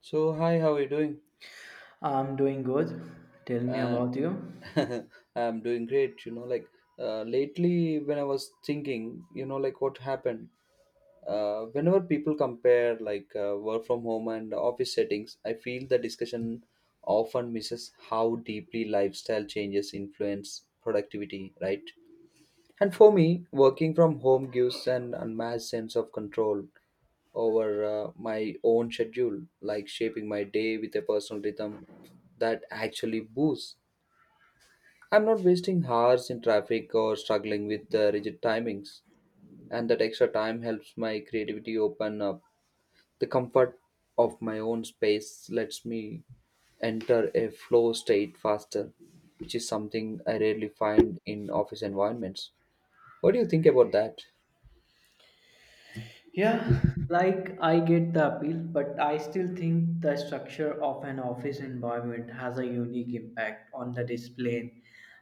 So hi, how are you doing? I'm doing good. Tell me And about you. I'm doing great. Like lately when I was thinking, like what happened. Whenever people compare like work from home and office settings, I feel the discussion often misses how deeply lifestyle changes influence productivity, right? And for me, working from home gives an unmatched sense of control over my own schedule, like shaping my day with a personal rhythm that actually boosts. I'm not wasting hours in traffic or struggling with rigid timings, and that extra time helps my creativity open up. The comfort of my own space lets me enter a flow state faster, which is something I rarely find in office environments. What do you think about that? Yeah, like, I get the appeal, but I still think the structure of an office environment has a unique impact on the discipline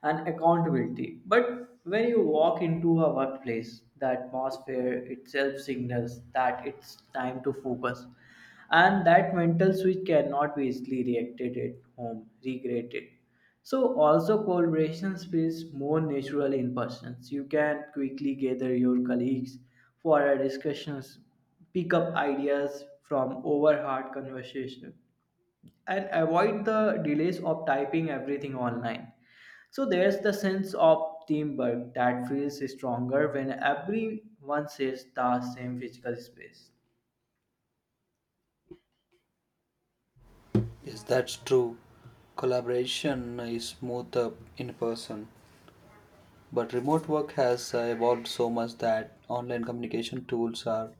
and accountability. But when you walk into a workplace, the atmosphere itself signals that it's time to focus, and that mental switch cannot be easily reacted at home, regretted. So also collaborations feels more natural in person. So, you can quickly gather your colleagues for a discussions, pick up ideas from overheard conversation, and avoid the delays of typing everything online. So there's the sense of teamwork that feels stronger when everyone shares the same physical space. Yes, that's true. Collaboration is smoother in person, but remote work has evolved so much that online communication tools are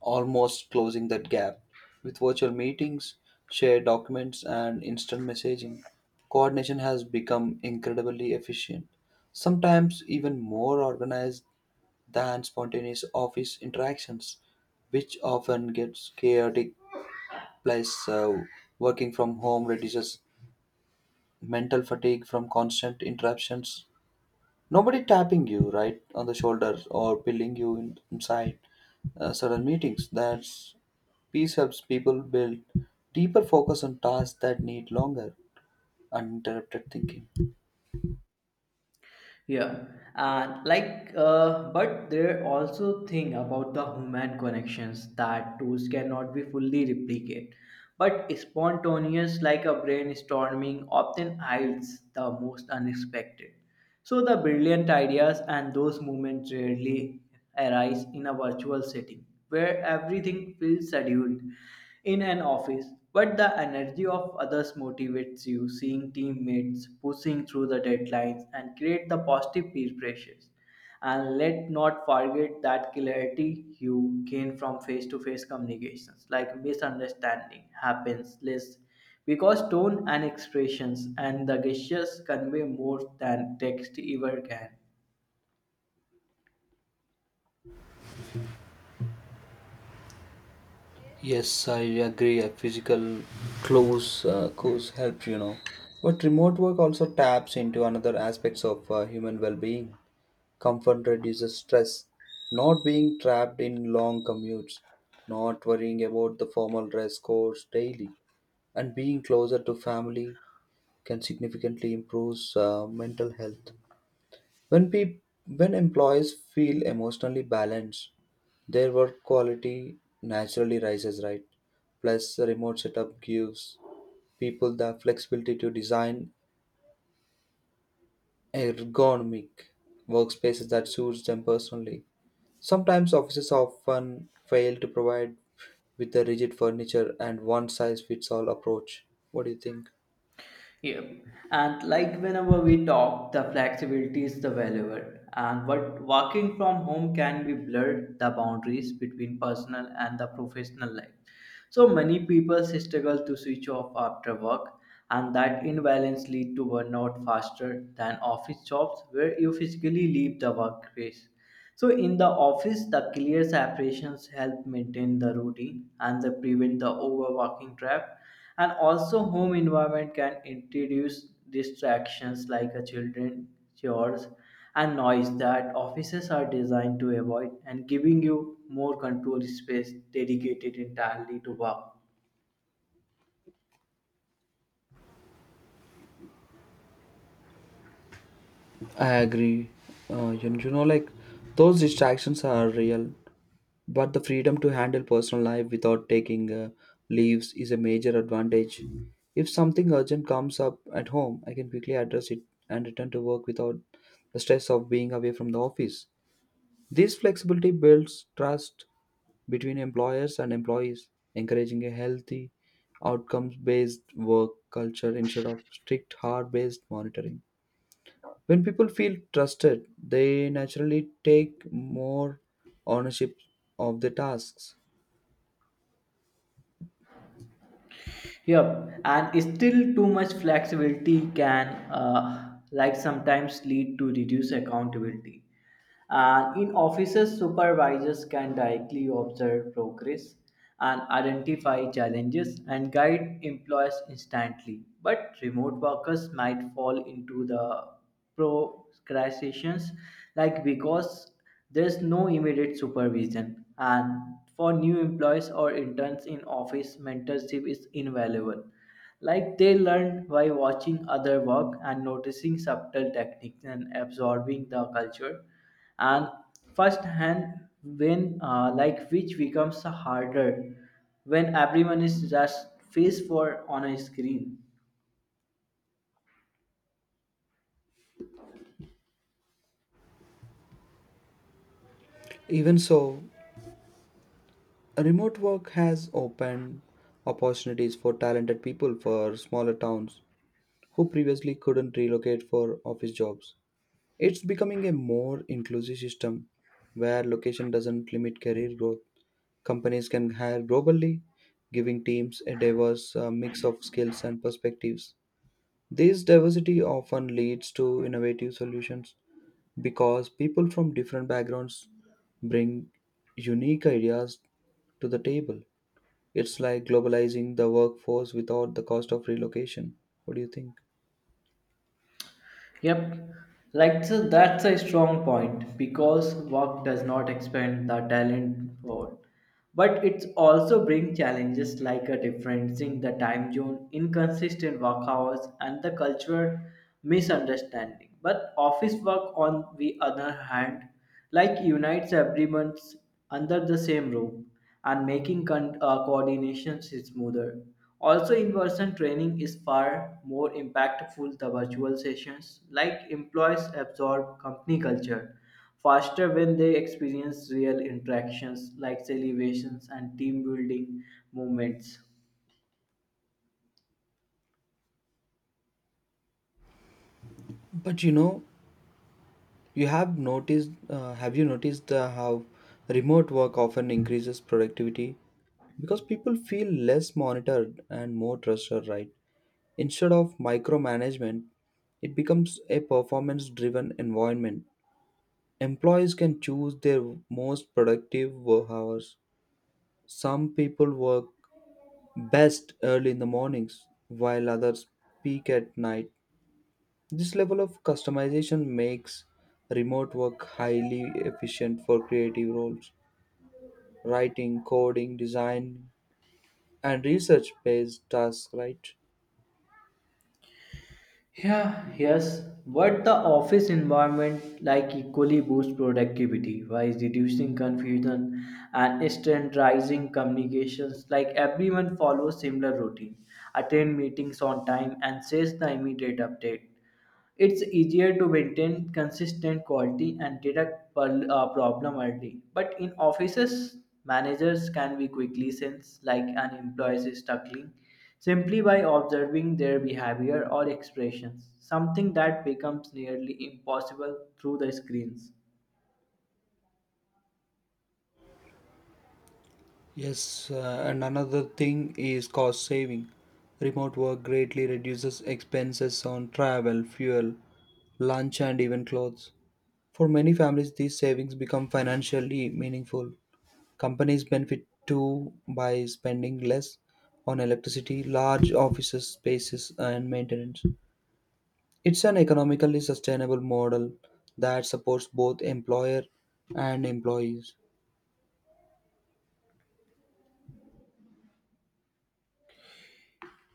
almost closing that gap. With virtual meetings, shared documents, and instant messaging, coordination has become incredibly efficient, sometimes even more organized than spontaneous office interactions, which often gets chaotic. Plus, working from home reduces mental fatigue from constant interruptions. Nobody tapping you right on the shoulder or pilling you in, inside certain meetings. That's peace helps people build deeper focus on tasks that need longer uninterrupted thinking. Yeah, and like, but there also thing about the human connections that tools cannot be fully replicate. But spontaneous, like a brainstorming, often hides the most unexpected. So the brilliant ideas and those moments rarely arise in a virtual setting where everything feels scheduled in an office, but the energy of others motivates you, seeing teammates pushing through the deadlines and create the positive peer pressures. And let not forget that clarity you gain from face-to-face communications, like misunderstanding happens less because tone and expressions and the gestures convey more than text ever can. Yes, I agree. A physical close course helps. But remote work also taps into another aspects of human well-being. Comfort reduces stress. Not being trapped in long commutes, not worrying about the formal dress codes daily, and being closer to family can significantly improve mental health. When pe- when employees feel emotionally balanced, their work quality naturally rises, right? Plus, the remote setup gives people the flexibility to design ergonomic workspaces that suits them personally. Sometimes offices often fail to provide with a rigid furniture and one size fits all approach. What do you think? Yep. And like whenever we talk, the flexibility is the valuable. And what working from home can be blurred the boundaries between personal and the professional life. So many people struggle to switch off after work, and that imbalance lead to burnout faster than office jobs where you physically leave the workplace. So in the office, the clear separations help maintain the routine and they prevent the overworking trap. And also, home environment can introduce distractions like a children, chores, and noise that offices are designed to avoid, and giving you more control space dedicated entirely to work. I agree. Like those distractions are real, but the freedom to handle personal life without taking leaves is a major advantage. If something urgent comes up at home, I can quickly address it and return to work without the stress of being away from the office. This flexibility builds trust between employers and employees, encouraging a healthy, outcomes based work culture instead of strict, hard based monitoring. When people feel trusted, they naturally take more ownership of the tasks. Yep, and still too much flexibility can, like sometimes lead to reduced accountability. And in offices, supervisors can directly observe progress and identify challenges and guide employees instantly. But remote workers might fall into the procrastinations like because there's no immediate supervision, and for new employees or interns in office mentorship is invaluable, like they learn by watching other work and noticing subtle techniques and absorbing the culture and first hand when like which becomes harder when everyone is just face for on a screen. Even so, remote work has opened opportunities for talented people for smaller towns who previously couldn't relocate for office jobs. It's becoming a more inclusive system where location doesn't limit career growth. Companies can hire globally, giving teams a diverse mix of skills and perspectives. This diversity often leads to innovative solutions because people from different backgrounds bring unique ideas to the table. It's like globalizing the workforce without the cost of relocation. What do you think? Yep, like so that's a strong point because work does not expand the talent world, but it also brings challenges like a difference in the time zone, inconsistent work hours, and the cultural misunderstanding. But office work, on the other hand, like unites everyone under the same roof and making coordination smoother. Also, in person training is far more impactful than virtual sessions, like employees absorb company culture faster when they experience real interactions like celebrations and team building moments. But you know, You have noticed, Have you noticed how remote work often increases productivity? Because people feel less monitored and more trusted, right? Instead of micromanagement, it becomes a performance driven environment. Employees can choose their most productive work hours. Some people work best early in the mornings, while others peak at night. This level of customization makes remote work highly efficient for creative roles, writing, coding, design, and research based tasks, right? Yeah, yes, but the office environment like equally boosts productivity by reducing confusion and standardizing communications. Like everyone follows similar routine, attend meetings on time, and says the immediate update. It's easier to maintain consistent quality and detect problem early. But in offices, managers can be quickly sense like an employee is struggling simply by observing their behavior or expressions, something that becomes nearly impossible through the screens. Yes, and another thing is cost saving. Remote work greatly reduces expenses on travel, fuel, lunch, and even clothes. For many families, these savings become financially meaningful. Companies benefit too by spending less on electricity, large offices, spaces, and maintenance. It's an economically sustainable model that supports both employer and employees.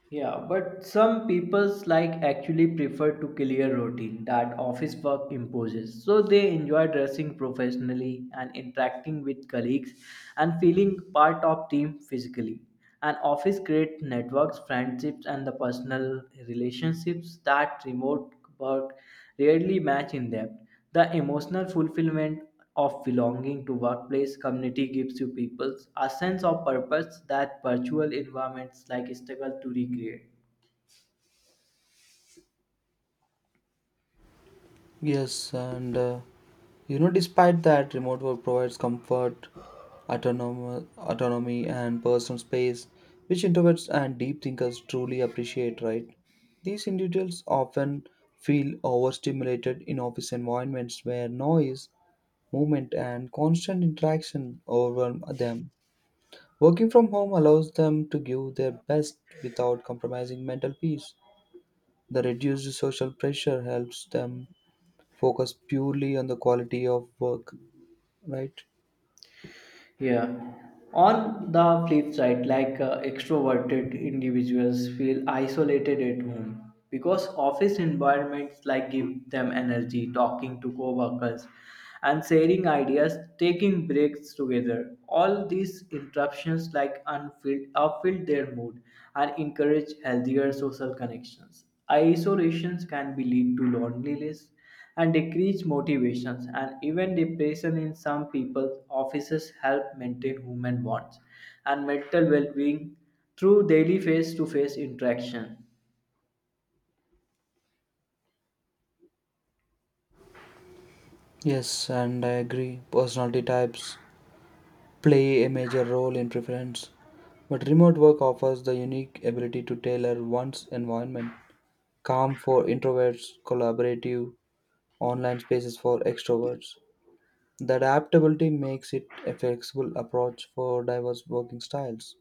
Yeah, but some people's like actually prefer to clear routine that office work imposes. So they enjoy dressing professionally and interacting with colleagues and feeling part of team physically. And office create networks, friendships and the personal relationships that remote work rarely match in depth. The emotional fulfillment of belonging to workplace community gives you people a sense of purpose that virtual environments like struggle to recreate. Yes, and despite that, remote work provides comfort, autonomy, and personal space, which introverts and deep thinkers truly appreciate, right? These individuals often feel overstimulated in office environments where noise, movement, and constant interaction overwhelm them. Working from home allows them to give their best without compromising mental peace. The reduced social pressure helps them focus purely on the quality of work, right? Yeah. On the flip side, like extroverted individuals feel isolated at home because office environments like give them energy talking to coworkers and sharing ideas, taking breaks together. All these interruptions like unfilled upfill their mood and encourage healthier social connections. Isolations can be lead to loneliness and decrease motivations and even depression in some people's offices help maintain human bonds and mental well-being through daily face-to-face interaction. Yes, and I agree. Personality types play a major role in preference, but remote work offers the unique ability to tailor one's environment. Calm for introverts, collaborative online spaces for extroverts. The adaptability makes it a flexible approach for diverse working styles,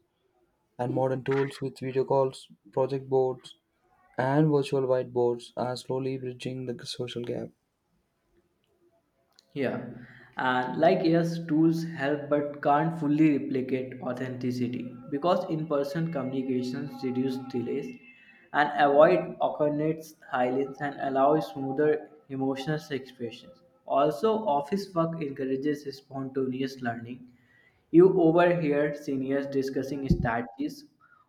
and modern tools with video calls, project boards, and virtual whiteboards are slowly bridging the social gap. Yeah, and like yes tools help but can't fully replicate authenticity because in-person communications reduce delays and avoid awkwardness silence and allow smoother emotional expressions, also office work encourages spontaneous learning. You overhear seniors discussing strategies,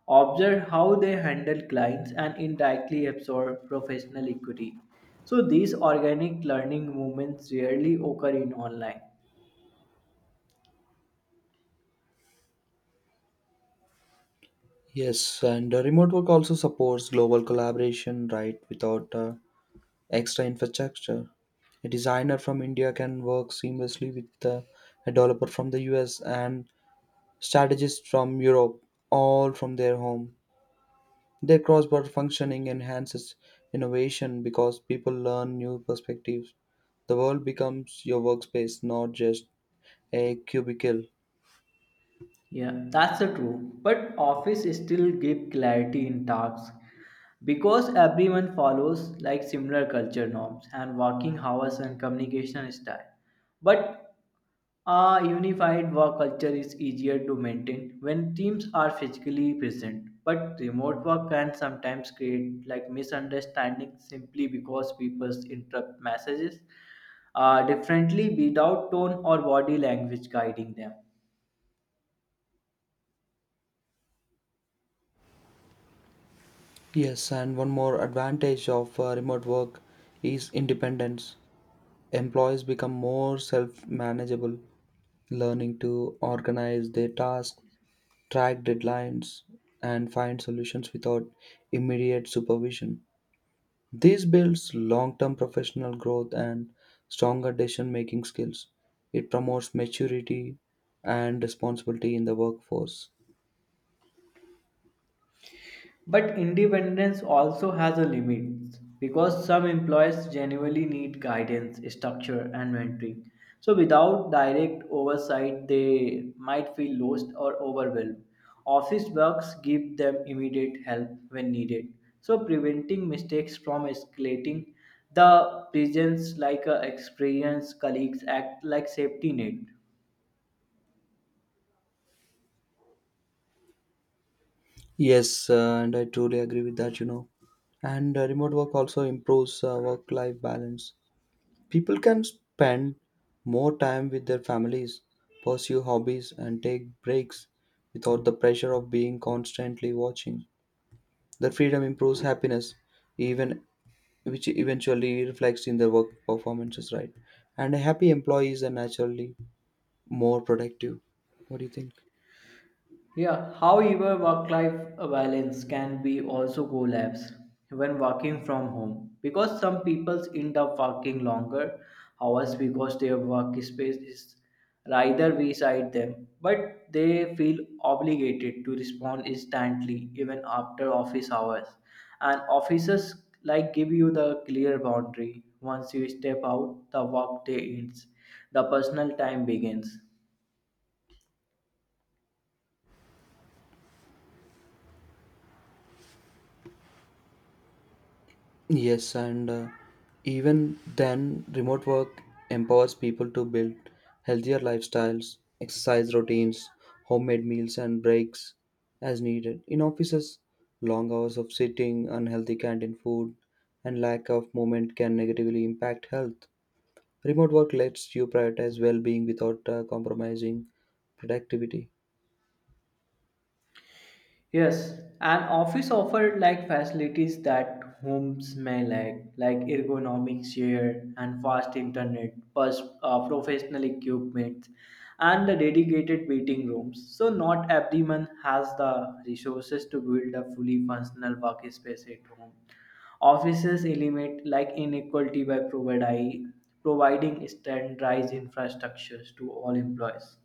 observe how they handle clients, and indirectly absorb professional equity. So these organic learning movements rarely occur in online. Yes, and remote work also supports global collaboration, right? Without extra infrastructure, a designer from India can work seamlessly with a developer from the US and strategists from Europe, all from their home. Their cross-border functioning enhances innovation because people learn new perspectives. The world becomes your workspace, not just a cubicle. Yeah, that's the true. But office still give clarity in tasks because everyone follows like similar culture norms and working hours and communication style. But a unified work culture is easier to maintain when teams are physically present, but remote work can sometimes create like misunderstanding simply because people interpret messages differently without tone or body language guiding them. Yes, and one more advantage of remote work is independence. Employees become more self manageable, learning to organize their tasks, track deadlines, and find solutions without immediate supervision. This builds long term professional growth and stronger decision making skills. It promotes maturity and responsibility in the workforce. But independence also has a limit because some employees genuinely need guidance, structure, and mentoring. So, without direct oversight, they might feel lost or overwhelmed. Office works give them immediate help when needed. So, preventing mistakes from escalating, the presence like a experienced colleagues act like safety net. Yes, and I truly agree with that. And remote work also improves work life balance. People can spend more time with their families, pursue hobbies, and take breaks without the pressure of being constantly watching. Their freedom improves happiness, even which eventually reflects in their work performances, right? And a happy employee is a naturally more productive. What do you think? Yeah, however, work life balance can be also collapse when working from home because some people end up working longer hours because their workspace is rather beside them, but they feel obligated to respond instantly even after office hours. And offices like give you the clear boundary once you step out, the work day ends, the personal time begins. Yes, and even then, remote work empowers people to build healthier lifestyles, exercise routines, homemade meals, and breaks as needed. In offices, long hours of sitting, unhealthy canteen food, and lack of movement can negatively impact health. Remote work lets you prioritize well being without compromising productivity. Yes, an office offered like facilities that homes may lack, like ergonomic chair and fast internet, plus professional equipment, and the dedicated meeting rooms. So not everyone has the resources to build a fully functional workspace at home. Offices eliminate like inequality by providing standardized infrastructures to all employees.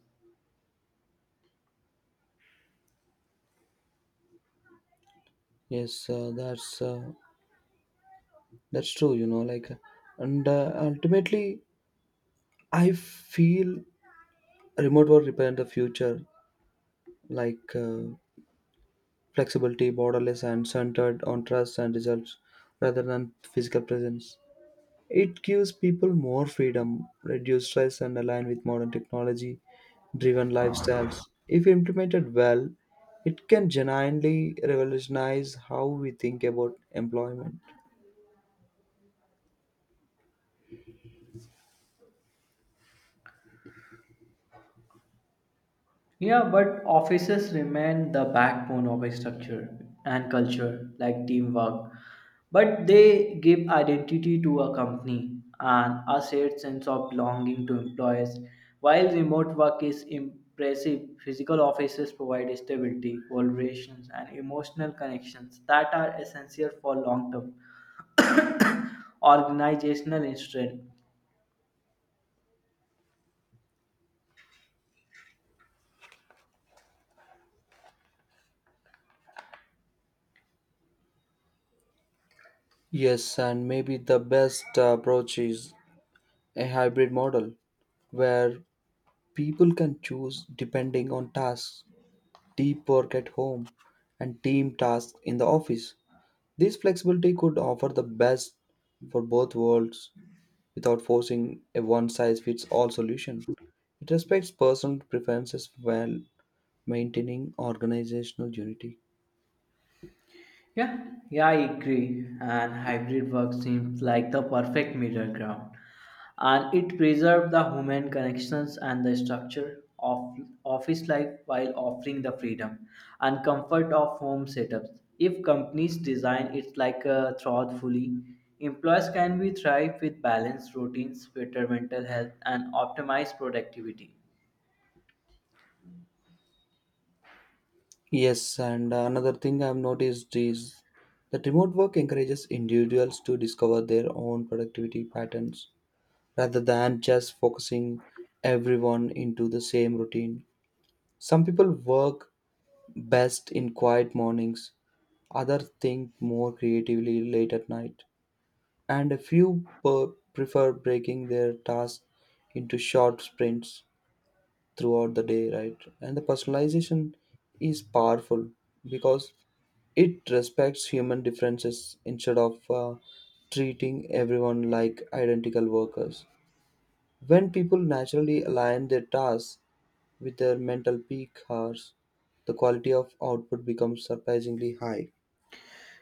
Yes, that's true. And ultimately, I feel remote work represents the future, like flexibility, borderless, and centered on trust and results rather than physical presence. It gives people more freedom, reduce stress, and align with modern technology driven lifestyles. If implemented well, it can genuinely revolutionize how we think about employment. Yeah, but offices remain the backbone of a structure and culture, like teamwork. But they give identity to a company and a shared sense of belonging to employees. While remote work is impressive, physical offices provide stability, collaborations, and emotional connections that are essential for long term organizational strength. Yes, and maybe the best approach is a hybrid model where people can choose depending on tasks deep work at home, and team tasks in the office. This flexibility could offer the best for both worlds without forcing a one size fits all solution. It respects personal preferences while maintaining organizational unity. Yeah, yeah, I agree. And hybrid work seems like the perfect middle ground. And it preserves the human connections and the structure of office life while offering the freedom and comfort of home setups. If companies design it like a thoughtfully, employees can be thrive with balanced routines, better mental health, and optimized productivity. Yes, and another thing I've noticed is that remote work encourages individuals to discover their own productivity patterns rather than just focusing everyone into the same routine. Some people work best in quiet mornings. Others think more creatively late at night. And a few prefer breaking their tasks into short sprints throughout the day, right? And the personalization is powerful because it respects human differences instead of treating everyone like identical workers. When people naturally align their tasks with their mental peak hours, the quality of output becomes surprisingly high.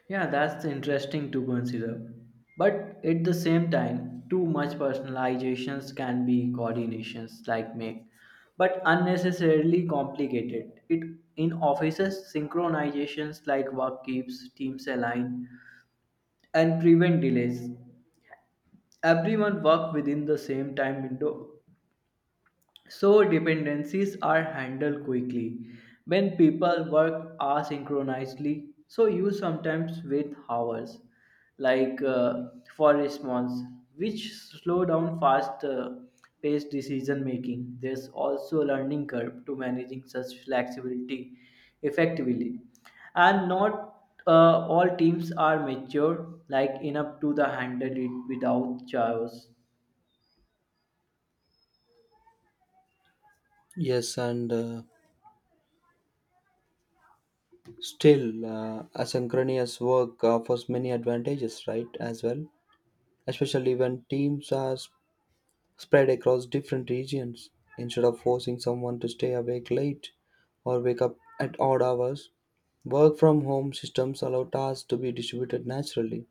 Yeah, that's interesting to consider. But at the same time, too much personalizations can be coordinations like make, but unnecessarily complicated. It in offices, synchronizations like work keeps teams aligned and prevent delays. Everyone work within the same time window, so dependencies are handled quickly when people work asynchronously. So you sometimes wait hours, like for response, which slow down fast paced decision making. There's also a learning curve to managing such flexibility effectively, and not all teams are mature like enough to the handle it without chaos. Yes, and still, asynchronous work offers many advantages, right? As well, especially when teams are spread across different regions. Instead of forcing someone to stay awake late or wake up at odd hours, work from home systems allow tasks to be distributed naturally.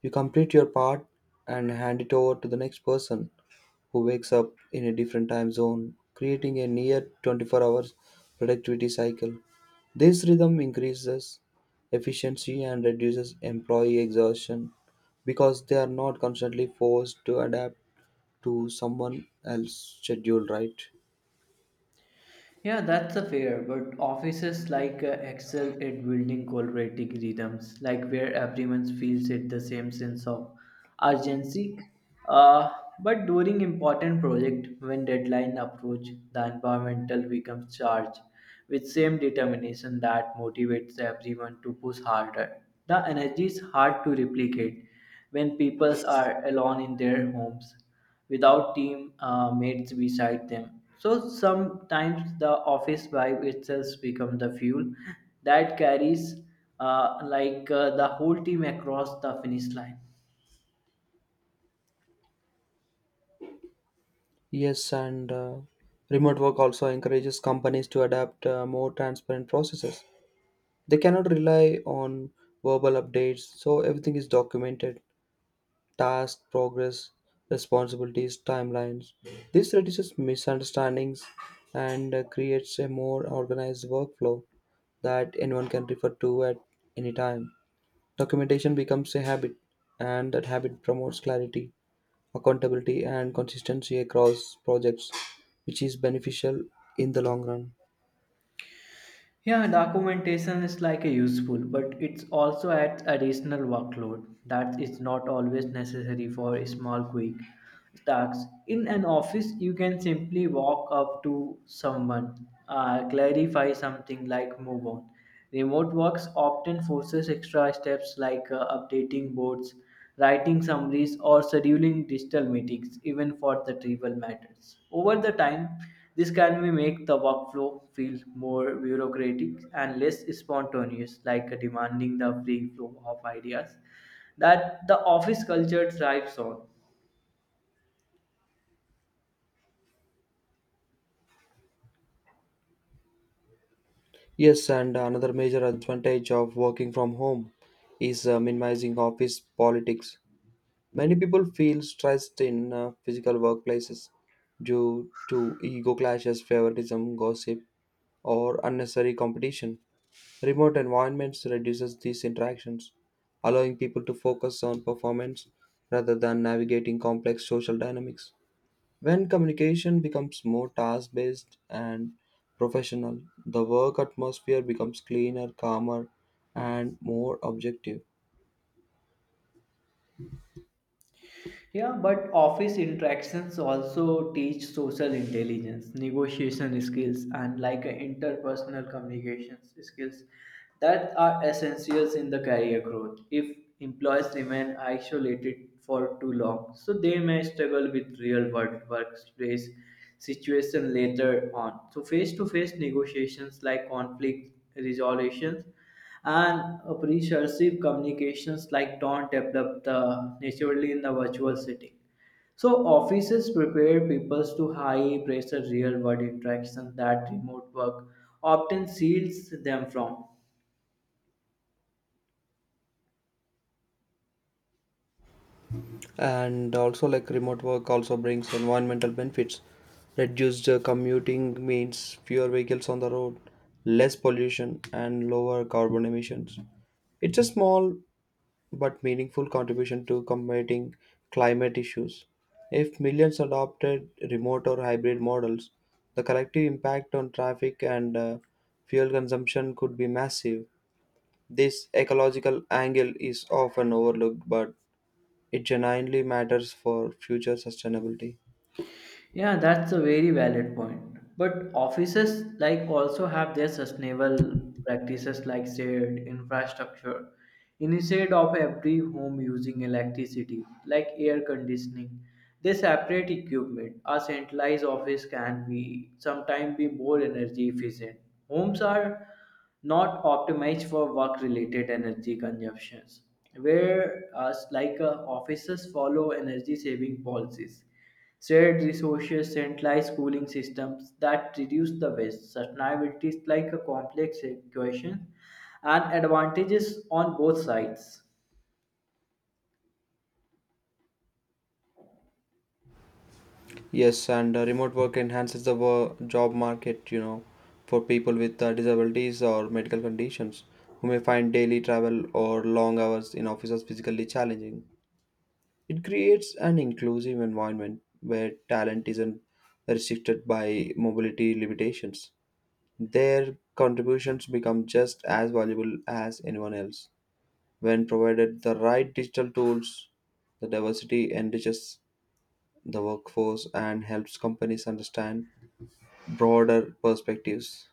You complete your part and hand it over to the next person who wakes up in a different time zone, creating a near 24 hours productivity cycle. This rhythm increases efficiency and reduces employee exhaustion because they are not constantly forced to adapt to someone else's schedule, right? Yeah, that's a fair, but offices like excel at building collaborative rhythms, like where everyone feels it the same sense of urgency. Uh, but during important project, when deadline approach, the environmental becomes charged with same determination that motivates everyone to push harder. The energy is hard to replicate when people are alone in their homes without team mates beside them. So sometimes the office vibe itself becomes the fuel that carries the whole team across the finish line. Yes, and remote work also encourages companies to adapt more transparent processes. They cannot rely on verbal updates, so everything is documented task, progress, responsibilities, timelines. This reduces misunderstandings and creates a more organized workflow that anyone can refer to at any time. Documentation becomes a habit, and that habit promotes clarity, accountability, and consistency across projects, which is beneficial in the long run. Yeah, documentation is like a useful, but it's also adds additional workload that is not always necessary for a small quick tasks. In an office, you can simply walk up to someone, clarify something like move on, remote works often forces extra steps like updating boards, writing summaries, or scheduling digital meetings, even for the trivial matters. Over the time, this can be make the workflow feel more bureaucratic and less spontaneous, like demanding the free flow of ideas that the office culture thrives on. Yes, and another major advantage of working from home is minimizing office politics. Many people feel stressed in physical workplaces due to ego clashes, favoritism, gossip, or unnecessary competition. Remote environments reduces these interactions, allowing people to focus on performance rather than navigating complex social dynamics. When communication becomes more task based and professional, the work atmosphere becomes cleaner, calmer, and more objective. Yeah, but office interactions also teach social intelligence, negotiation skills, and like interpersonal communications skills that are essentials in the career growth. If employees remain isolated for too long, so they may struggle with real world workplace situation later on. So face to face negotiations like conflict resolutions and appreciative communications like don't develop the naturally in the virtual setting. So offices prepare people to high pressure real world interactions that remote work often seals them from. And also, like remote work, also brings environmental benefits. Reduced commuting means fewer vehicles on the road, less pollution, and lower carbon emissions. It's a small but meaningful contribution to combating climate issues. If millions adopted remote or hybrid models, the collective impact on traffic and fuel consumption could be massive. This ecological angle is often overlooked, but it genuinely matters for future sustainability. Yeah, that's a very valid point. But offices like also have their sustainable practices like shared infrastructure. Instead of every home using electricity, like air conditioning, they separate equipment. A centralized office can be sometimes be more energy efficient. Homes are not optimized for work related energy consumptions whereas like offices follow energy saving policies shared resources, centralized schooling systems that reduce the waste. Sustainability is like a complex equation and advantages on both sides. Yes, and remote work enhances the job market, for people with disabilities or medical conditions who may find daily travel or long hours in offices physically challenging. It creates an inclusive environment where talent isn't restricted by mobility limitations. Their contributions become just as valuable as anyone else. When provided the right digital tools, the diversity enriches the workforce and helps companies understand broader perspectives.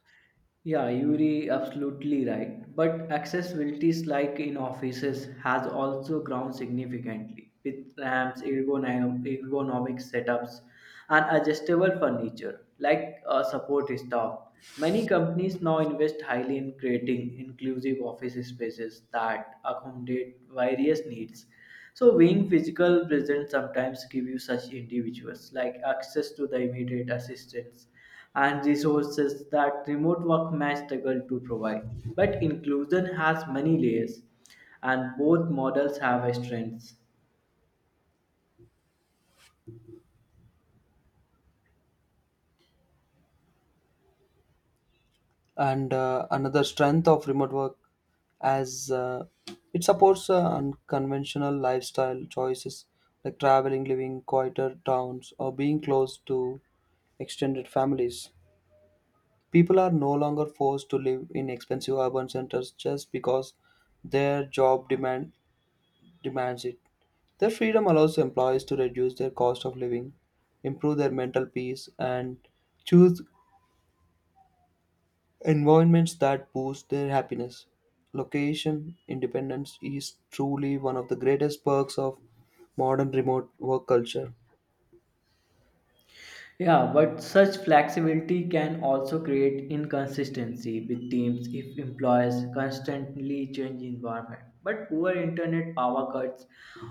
Yeah, you're absolutely right. But accessibilities like in offices has also grown significantly with ramps, ergonomic setups, and adjustable furniture like a support staff. Many companies now invest highly in creating inclusive office spaces that accommodate various needs. So being physical present sometimes give you such individuals like access to the immediate assistance and resources that remote work may struggle to provide. But inclusion has many layers, and both models have strengths. And another strength of remote work as it supports unconventional lifestyle choices like traveling living quieter towns or being close to extended families people are no longer forced to live in expensive urban centers just because their job demands it their freedom allows employees to reduce their cost of living improve their mental peace and choose environments that boost their happiness. Location independence is truly one of the greatest perks of modern remote work culture. Yeah, but such flexibility can also create inconsistency with teams if employers constantly change environment. But poor internet power cuts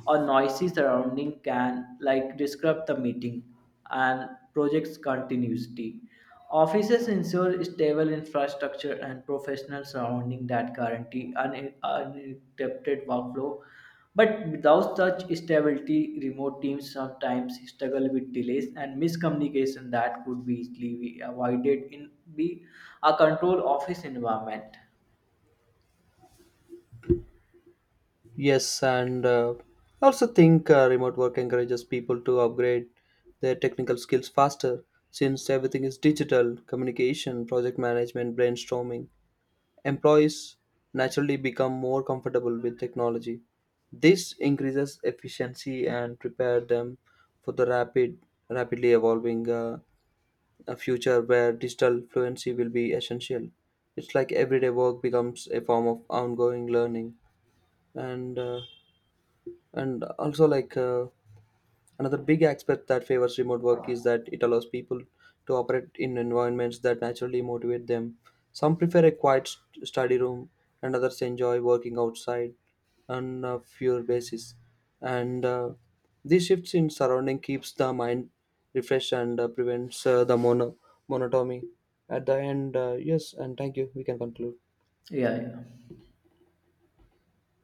or noisy surrounding can like disrupt the meeting and project's continuity. Offices ensure stable infrastructure and professional surrounding that guarantee an uninterrupted workflow but without such stability, remote teams sometimes struggle with delays and miscommunication that could be easily be avoided in be a control office environment. Yes, and I also think remote work encourages people to upgrade their technical skills faster since everything is digital communication, project management, brainstorming, employees naturally become more comfortable with technology. This increases efficiency and prepare them for the rapidly evolving a future where digital fluency will be essential. It's like everyday work becomes a form of ongoing learning. And uh, and also like Another big aspect that favors remote work is that it allows people to operate in environments that naturally motivate them. Some prefer a quiet study room, and others enjoy working outside on a fewer basis. And these shifts in surrounding keeps the mind refreshed and prevents the monotony. At the end, yes, and thank you. We can conclude. Yeah, yeah.